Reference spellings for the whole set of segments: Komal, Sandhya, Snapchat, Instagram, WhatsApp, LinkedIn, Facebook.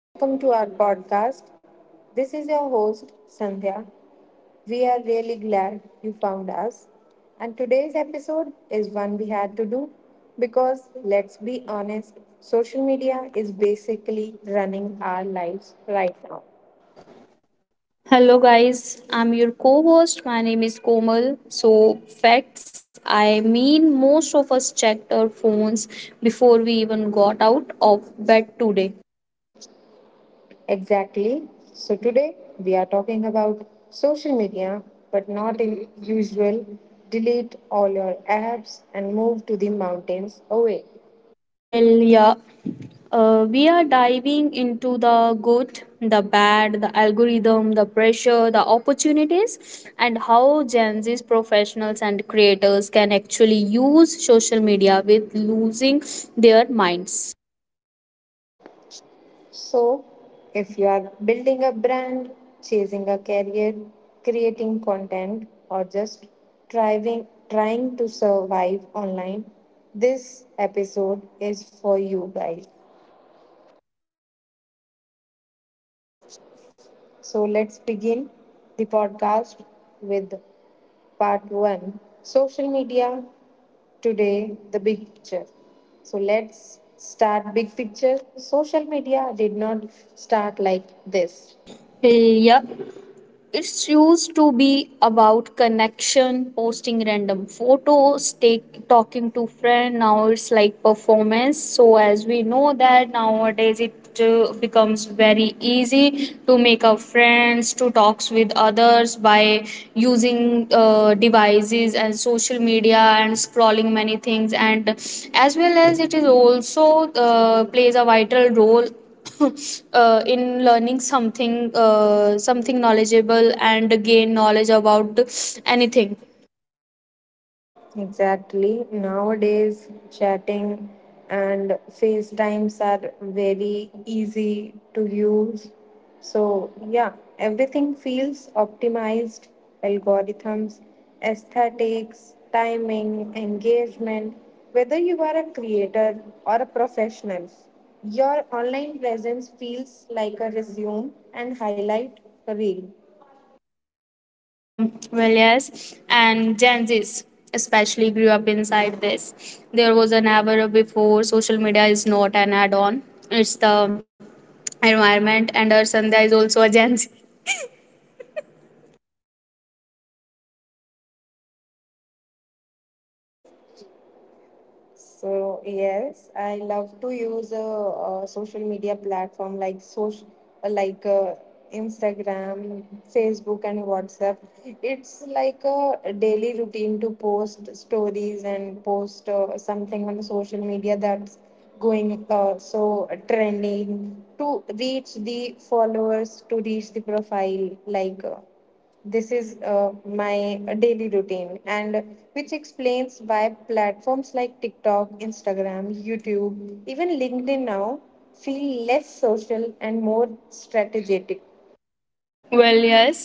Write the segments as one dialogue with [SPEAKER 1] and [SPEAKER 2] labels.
[SPEAKER 1] Welcome to our podcast. This is your host, Sandhya. We are really glad you found us. And today's episode is one we had to do because, let's be honest, social media is basically running our lives right now.
[SPEAKER 2] Hello, guys. I'm your co host. My name is Komal. So, facts I mean, most of us checked our phones before we even got out of bed today.
[SPEAKER 1] Exactly. So, today we are talking about social media, but not in usual delete all your apps and move to the mountains away.
[SPEAKER 2] Well, yeah, we are diving into the good, the bad, the algorithm, the pressure, the opportunities, and how Gen Z's professionals and creators can actually use social media with losing their minds.
[SPEAKER 1] So, if you are building a brand, chasing a career, creating content, or just trying to survive online, this episode is for you guys. So, let's begin the podcast with part one social media today, the big picture. So, let's start big picture. Social media did not start like this.
[SPEAKER 2] Well, yeah, it's used to be about connection, posting random photos, talking to friend. Now it's like performance. So, as we know that nowadays it becomes very easy to make up friends, to talks with others by using devices and social media and scrolling many things. And as well as it is also plays a vital role in learning something, something knowledgeable and gain knowledge about anything.
[SPEAKER 1] Exactly. Nowadays, chatting and FaceTimes are very easy to use. So, yeah, everything feels optimized algorithms, aesthetics, timing, engagement. Whether you are a creator or a professional, your online presence feels like a resume and highlight reel.
[SPEAKER 2] Well, yes. And Gen Z's especially grew up inside this. There was an era before. Social media is not an add-on, it's the environment. And our Sandhya is also a Gen Z.
[SPEAKER 1] So yes, I love to use a social media platform like social like Instagram, Facebook, and WhatsApp. It's like a daily routine to post stories and post something on the social media that's going so trending to reach the followers to reach the profile like. This is My daily routine, and which explains why platforms like TikTok, Instagram, YouTube, even LinkedIn now feel less social and more strategic.
[SPEAKER 2] Well, yes.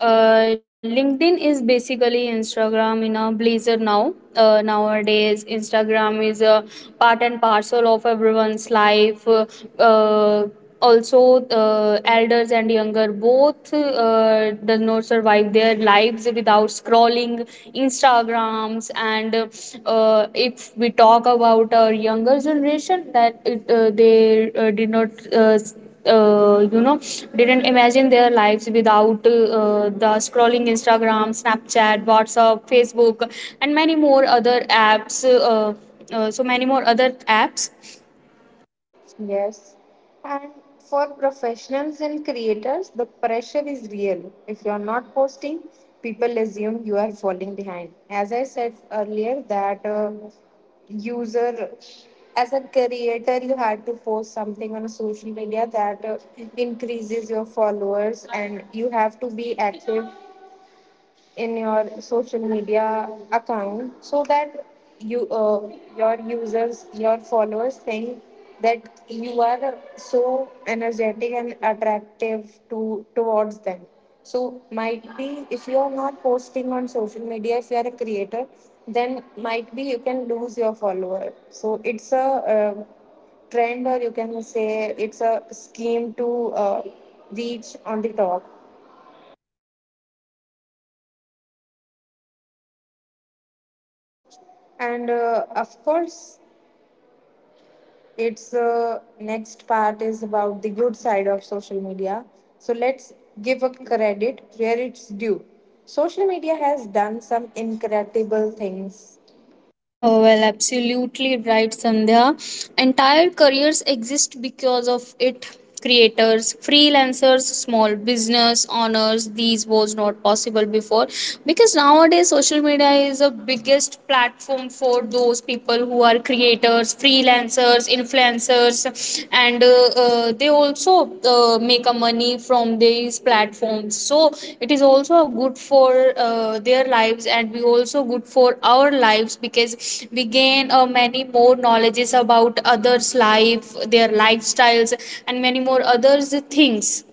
[SPEAKER 2] LinkedIn is basically Instagram in a blazer now. Nowadays, Instagram is a part and parcel of everyone's life. Uh, Also, elders and younger both does not survive their lives without scrolling Instagrams. And if we talk about our younger generation, that it, they did not. Uh, you know didn't imagine their lives without the scrolling Instagram, Snapchat, WhatsApp, Facebook, and many more other apps, so many more other apps.
[SPEAKER 1] Yes. And for professionals and creators, the pressure is real. If you're not posting, people assume you are falling behind. As I said earlier, that user, as a creator, you had to post something on a social media that increases your followers, and you have to be active in your social media account so that you uh, your users your followers think that you are so energetic and attractive to towards them, so might be if you are not posting on social media, if you are a creator, then might be you can lose your follower. So it's a uh, trend, or you can say it's a scheme to reach on the top. And of course its next part is about the good side of social media. So let's give a credit where it's due. Social media has done some incredible things.
[SPEAKER 2] Oh, well, absolutely right, Sandhya. Entire careers exist because of it. Creators, freelancers, small business owners, these was not possible before because nowadays social media is the biggest platform for those people who are creators, freelancers, influencers, and they also make a money from these platforms. So it is also good for their lives, and we also good for our lives because we gain many more knowledges about others life, their lifestyles, and many more others things.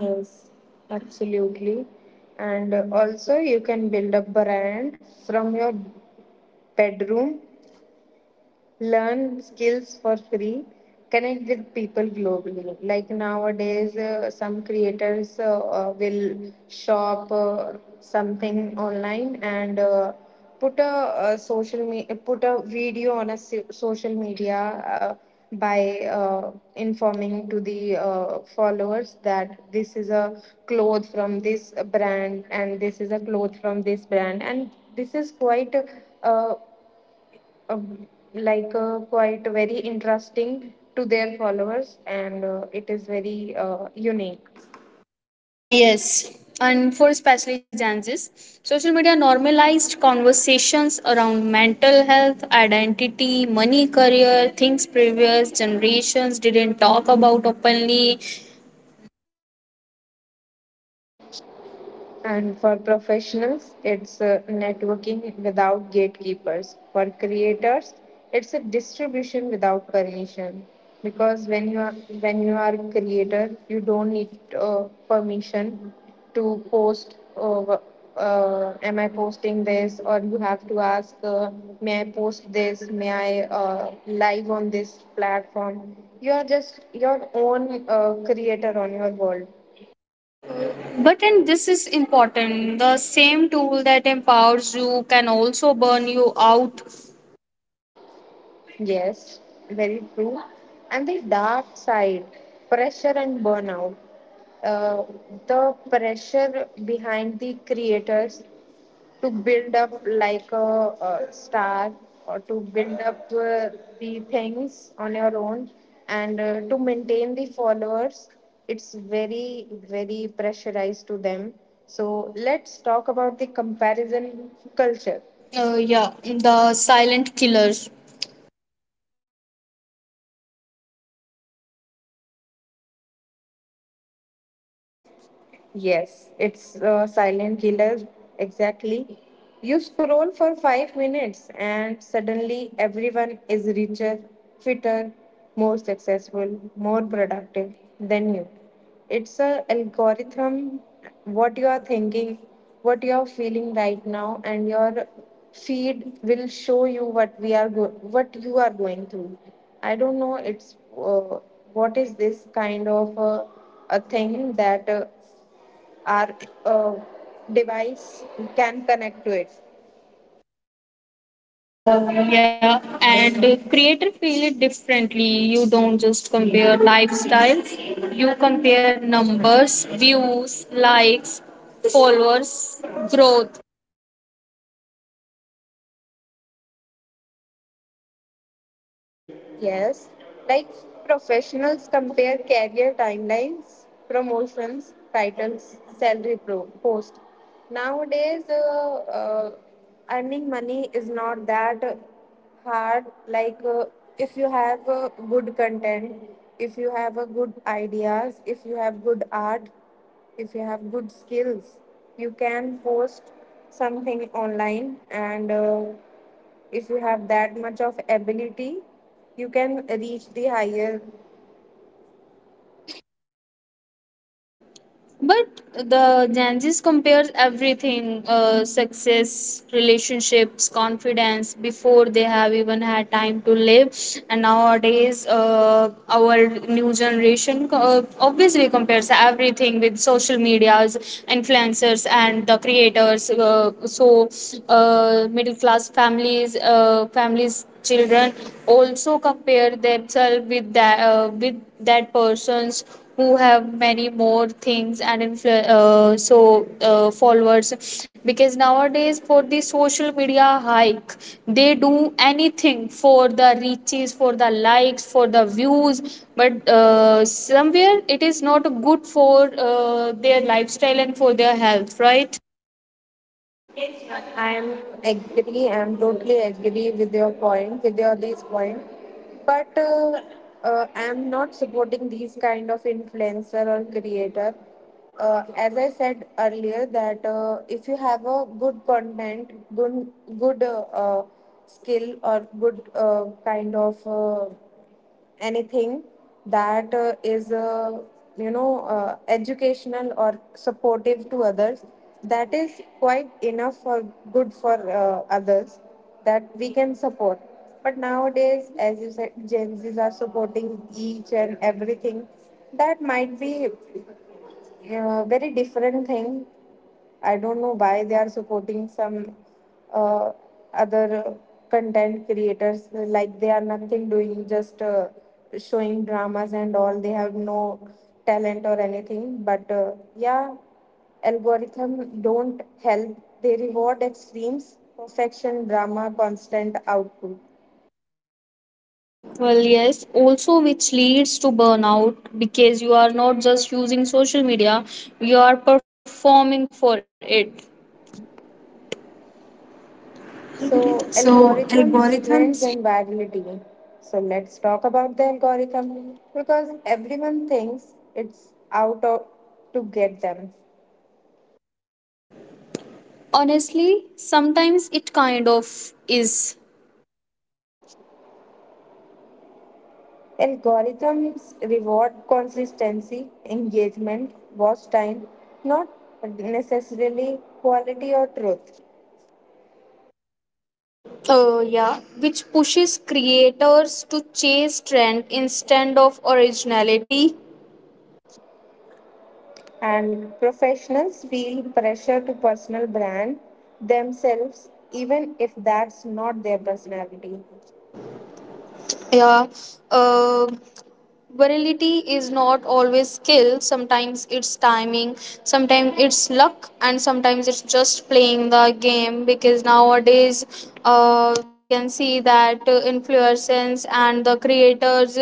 [SPEAKER 1] Yes, absolutely. And also, you can build a brand from your bedroom, learn skills for free, connect with people globally. Like nowadays, some creators will shop something online and put put a video on a social media by informing to the followers that this is a cloth from this brand and this is a cloth from this brand, and this is quite uh, uh, quite very interesting to their followers, and it is very unique.
[SPEAKER 2] Yes, and for especially Gen Zs, social media normalized conversations around mental health, identity, money, career, things previous generations didn't talk about openly.
[SPEAKER 1] And for professionals, it's networking without gatekeepers. For creators, it's a distribution without permission. Because when you are a creator, you don't need permission to post. Am I posting this? Or you have to ask, may I post this? May I live on this platform? You are just your own creator on your world.
[SPEAKER 2] But, and this is important, the same tool that empowers you can also burn you out.
[SPEAKER 1] Yes, very true. And the dark side, pressure and burnout. Uh, the pressure behind the creators to build up like a star, or to build up the things on your own, and to maintain the followers, it's very very pressurized to them. So let's talk about the comparison culture.
[SPEAKER 2] Yeah, the silent killers.
[SPEAKER 1] Yes, it's a silent killer. Exactly. You scroll for 5 minutes and suddenly everyone is richer, fitter, more successful, more productive than you. It's a algorithm what you are thinking, what you are feeling right now, and your feed will show you what what you are going through. I don't know. It's what is this kind of a thing that our uh, device can connect to it.
[SPEAKER 2] Yeah, and creator feel it differently. You don't just compare lifestyles, you compare numbers, views, likes, followers, growth.
[SPEAKER 1] Yes, like professionals compare career timelines, promotions, titles, post. Nowadays, earning money is not that hard. Like if you have good content, if you have good ideas, if you have good art, if you have good skills, you can post something online and if you have that much of ability, you can reach the higher.
[SPEAKER 2] But the Gen Z compares everything, success, relationships, confidence, before they have even had time to live. And nowadays, our new generation obviously compares everything with social medias, influencers, and the creators. Middle class families, families children also compare themselves with that, with that person's who have many more things and followers, because nowadays for the social media hike they do anything, for the reaches, for the likes, for the views, but somewhere it is not good for their lifestyle and for their health, right?
[SPEAKER 1] I am agree. I am totally agree with your point, with your this point. But I am not supporting these kind of influencer or creator. As I said earlier, that if you have a good content, good skill or good kind of anything that is educational or supportive to others, that is quite enough for good for others, that we can support. But nowadays, as you said, Gen Z's are supporting each and everything that might be, yeah, very different thing. I don't know why they are supporting some uh, other content creators. Like they are nothing doing, just showing dramas and all. They have no talent or anything. But yeah, algorithm don't help. They reward extremes, perfection, drama, constant output.
[SPEAKER 2] Well, yes, also, which leads to burnout because you are not just using social media, you are performing for it.
[SPEAKER 1] So, algorithms, trends, and virality. So, let's talk about the algorithm because everyone thinks it's out of, to get them.
[SPEAKER 2] Honestly, sometimes it kind of is.
[SPEAKER 1] Algorithms reward consistency, engagement, watch time, not necessarily quality or truth.
[SPEAKER 2] Yeah, which pushes creators to chase trend instead of originality.
[SPEAKER 1] And professionals feel pressure to personal brand themselves, even if that's not their personality.
[SPEAKER 2] Yeah, uh, virility is not always skill, sometimes it's timing, sometimes it's luck, and sometimes it's just playing the game because nowadays we can see that influencers and the creators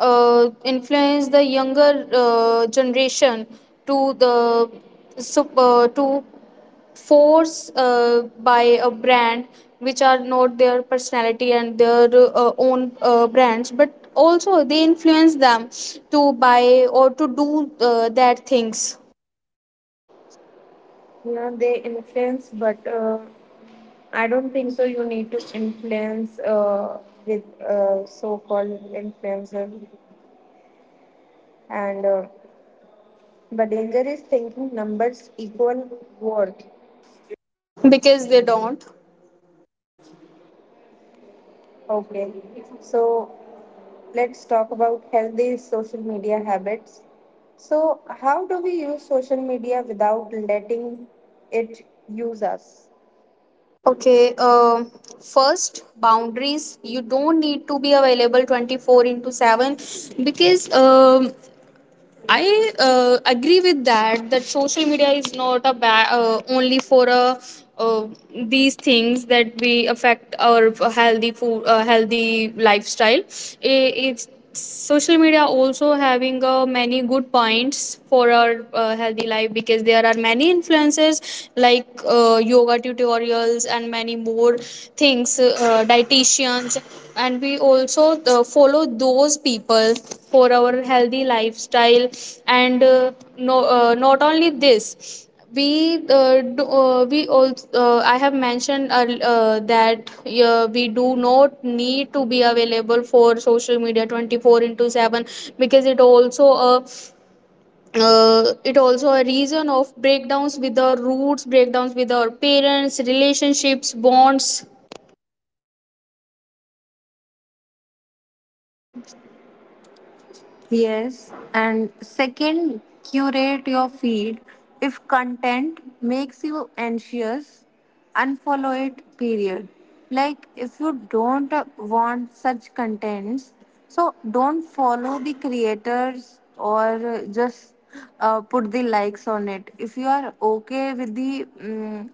[SPEAKER 2] influence the younger generation to the to force by a brand which are not their personality and their own brands, but also they influence them to buy or to do that things.
[SPEAKER 1] Yeah, they influence, but I don't think so. You need to influence with so-called influencers, and the danger is thinking numbers equal worth.
[SPEAKER 2] Because they don't.
[SPEAKER 1] Okay, so let's talk about healthy social media habits. So, how do we use social media without letting it use us?
[SPEAKER 2] Okay, first, boundaries. You don't need to be available 24 into 7 because I agree with that. That social media is not a only for a, uh, these things that we affect our healthy food, healthy lifestyle. It's social media also having many good points for our healthy life because there are many influencers like yoga tutorials and many more things, dietitians, and we also follow those people for our healthy lifestyle. And no, not only this, we also, I have mentioned that we do not need to be available for social media 24 into 7 because it also a reason of breakdowns with our roots, breakdowns with our parents, relationships, bonds.
[SPEAKER 1] Yes, and second, curate your feed. If content makes you anxious, unfollow it, period. Like, if you don't want such contents, so don't follow the creators, or just put the likes on it. If you are okay with the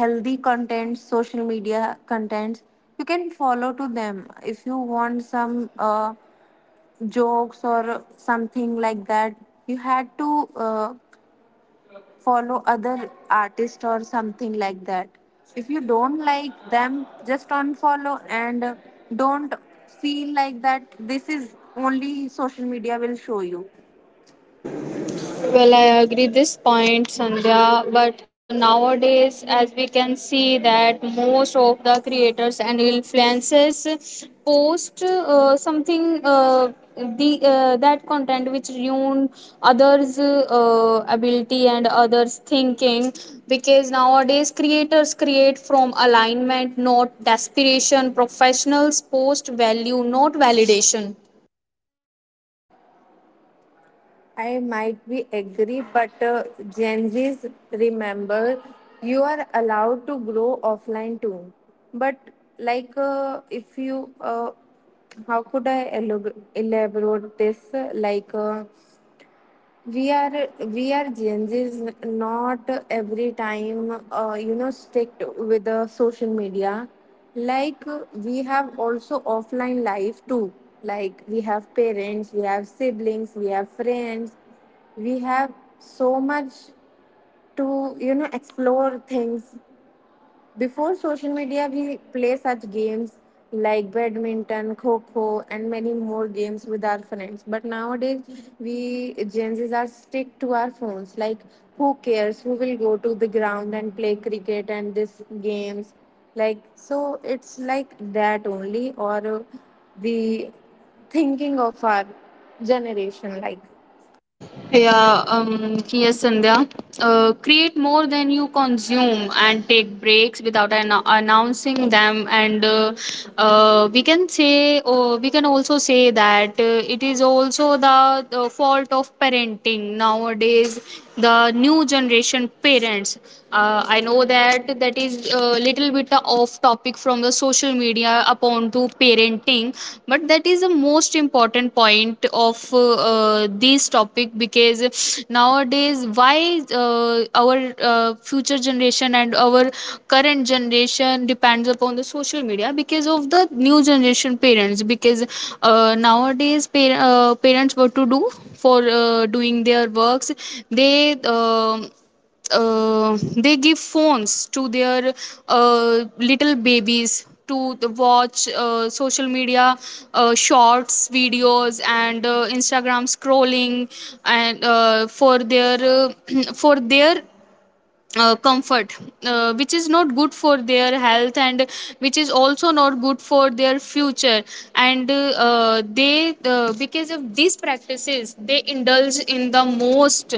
[SPEAKER 1] healthy contents, social media contents, you can follow to them. If you want some jokes or something like that, you had to follow other artists or something like that. If you don't like them, just unfollow and don't feel like that this is only social media will show you.
[SPEAKER 2] Well, I agree this point, Sandhya. But nowadays, as we can see, that most of the creators and influencers post something, the that content which ruin others' ability and others' thinking. Because nowadays, creators create from alignment, not desperation. Professionals post value, not validation.
[SPEAKER 1] I might be agree, but Gen Z's, remember, you are allowed to grow offline too. But like if you, how could I elaborate this? Like uh, we are Gen Zs not every time you know strict with the social media. Like we have also offline life too. Like we have parents, we have siblings, we have friends, we have so much to you know explore things. Before social media, we play such games like badminton, kho kho, and many more games with our friends. But nowadays, we Gen Zs are stick to our phones. Like, who cares? Who will go to the ground and play cricket and this games? Like, so it's like that only, or the thinking of our generation, like.
[SPEAKER 2] Yeah, yes, Sandhya. Create more than you consume and take breaks without announcing them. And we can say, or we can also say that it is also the fault of parenting nowadays. The new generation parents. I know that that is a little bit off topic from the social media upon to parenting, but that is the most important point of this topic because nowadays why uh, our future generation and our current generation depends upon the social media because of the new generation parents, because nowadays parents what to do for doing their works, they um they give phones to their little babies to the watch social media, shorts videos, and Instagram scrolling, and for their for their comfort, which is not good for their health and which is also not good for their future. And they because of these practices they indulge in the most,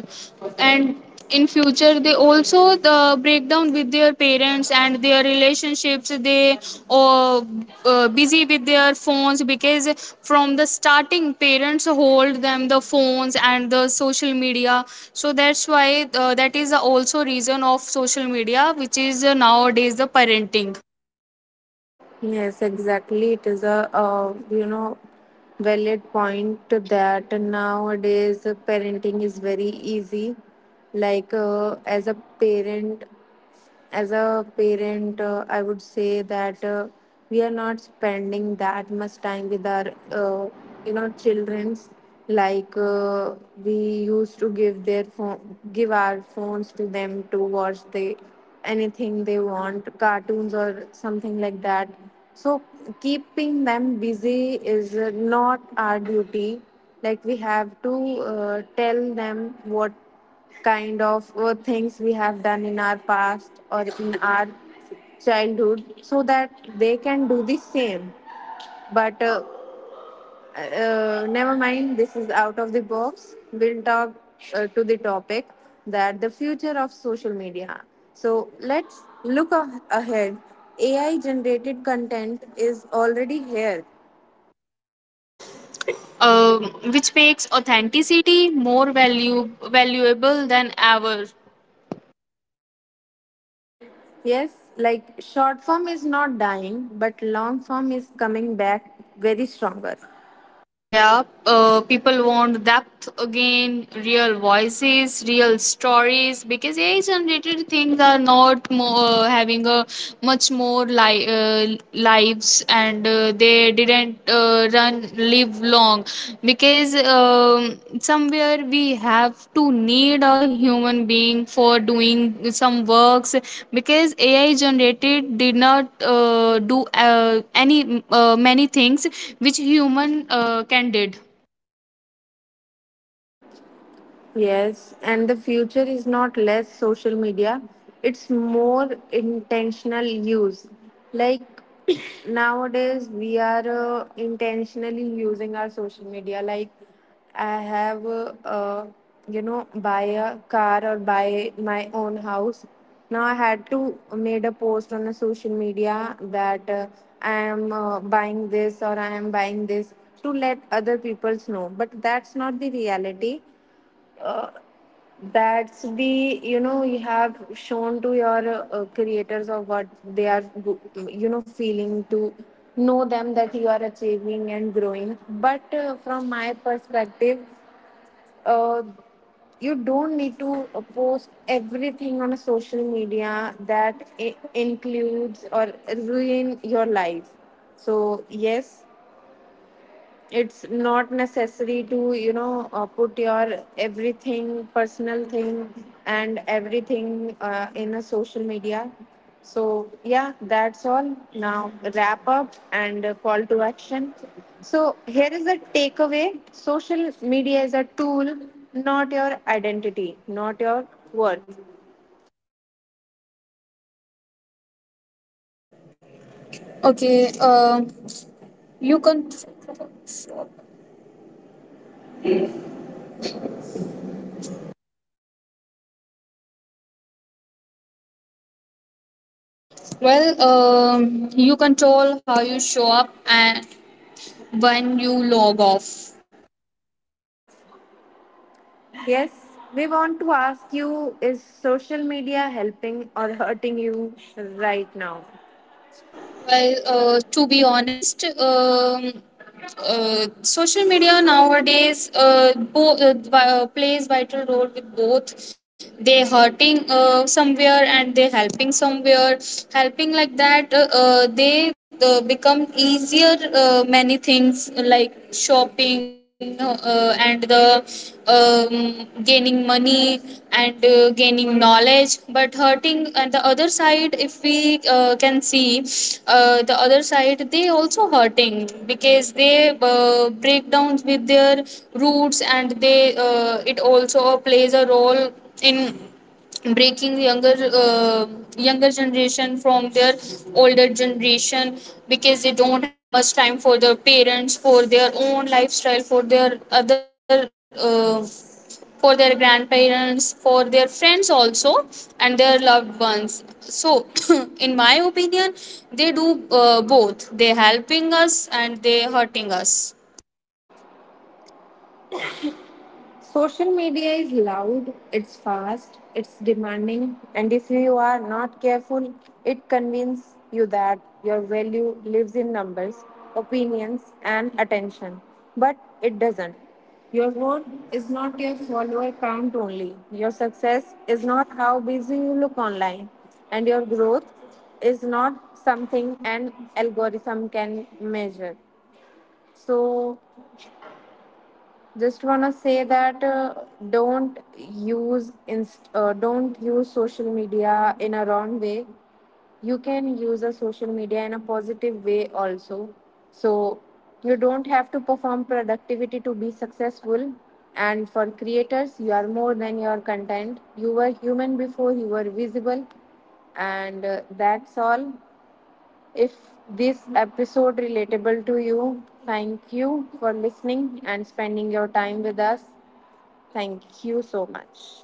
[SPEAKER 2] and in future they also the breakdown with their parents and their relationships. They are busy with their phones because from the starting parents hold them the phones and the social media. So that's why that is also reason of social media, which is nowadays the parenting.
[SPEAKER 1] Yes, exactly. It is a, you know, valid point that nowadays parenting is very easy. Like uh, as a parent, as a parent, I would say that we are not spending that much time with our, you know, childrens. Like we used to give our phones to them to watch the anything they want, cartoons or something like that. So keeping them busy is not our duty. Like we have to tell them what kind of things we have done in our past or in our childhood so that they can do the same. But never mind, this is out of the box. We'll talk to the topic that the future of social media. So let's look ahead. AI generated content is already here.
[SPEAKER 2] uh, which makes authenticity more value valuable than ever.
[SPEAKER 1] Yes, like short form is not dying, but long form is coming back very stronger.
[SPEAKER 2] Yeah, people want depth again, real voices, real stories, because AI generated things are not more, having a lives, and they didn't run live long because somewhere we have to need a human being for doing some works, because AI generated did not do any many things which human can did.
[SPEAKER 1] Yes, and the future is not less social media, it's more intentional use. Like nowadays, we are intentionally using our social media. Like, I have, you know, buy a car or buy my own house. Now I had to made a post on the social media that I am buying this or I am buying this to let other people's know. But that's not the reality, uh, that's the you know you have shown to your creators of what they are go- you know feeling to know them that you are achieving and growing. But from my perspective, uh, you don't need to post everything on a social media that includes or ruin your life. So yes, it's not necessary to you know put your everything personal thing and everything in a social media. So yeah, that's all. Now wrap up and call to action. So here is a takeaway: social media is a tool, not your identity, not your worth.
[SPEAKER 2] Okay, you can well, you control how you show up and when you log off.
[SPEAKER 1] Yes, we want to ask you, is social media helping or hurting you right now?
[SPEAKER 2] Well, to be honest, social media nowadays plays vital role with both. They hurting somewhere and they helping somewhere. Helping like that, they become easier. Many things like shopping and the, gaining money and gaining knowledge, but hurting and the other side, if we can see the other side, they also hurting because they break down with their roots, and they, it also plays a role in breaking younger, younger generation from their older generation, because they don't have much time for their parents, for their own lifestyle, for their other, for their grandparents, for their friends also, and their loved ones. So in my opinion, they do both, they helping us and they hurting us.
[SPEAKER 1] Social media is loud, it's fast, it's demanding. And if you are not careful, it convinces you that your value lives in numbers, opinions, and attention. But it doesn't. Your worth is not your follower count only. Your success is not how busy you look online, and your growth is not something an algorithm can measure. So, just wanna say that don't use don't use social media in a wrong way. You can use a social media in a positive way also. So you don't have to perform productivity to be successful. And for creators, you are more than your content, you were human before you were visible. And that's all. If this episode relatable to you, thank you for listening and spending your time with us. Thank you so much.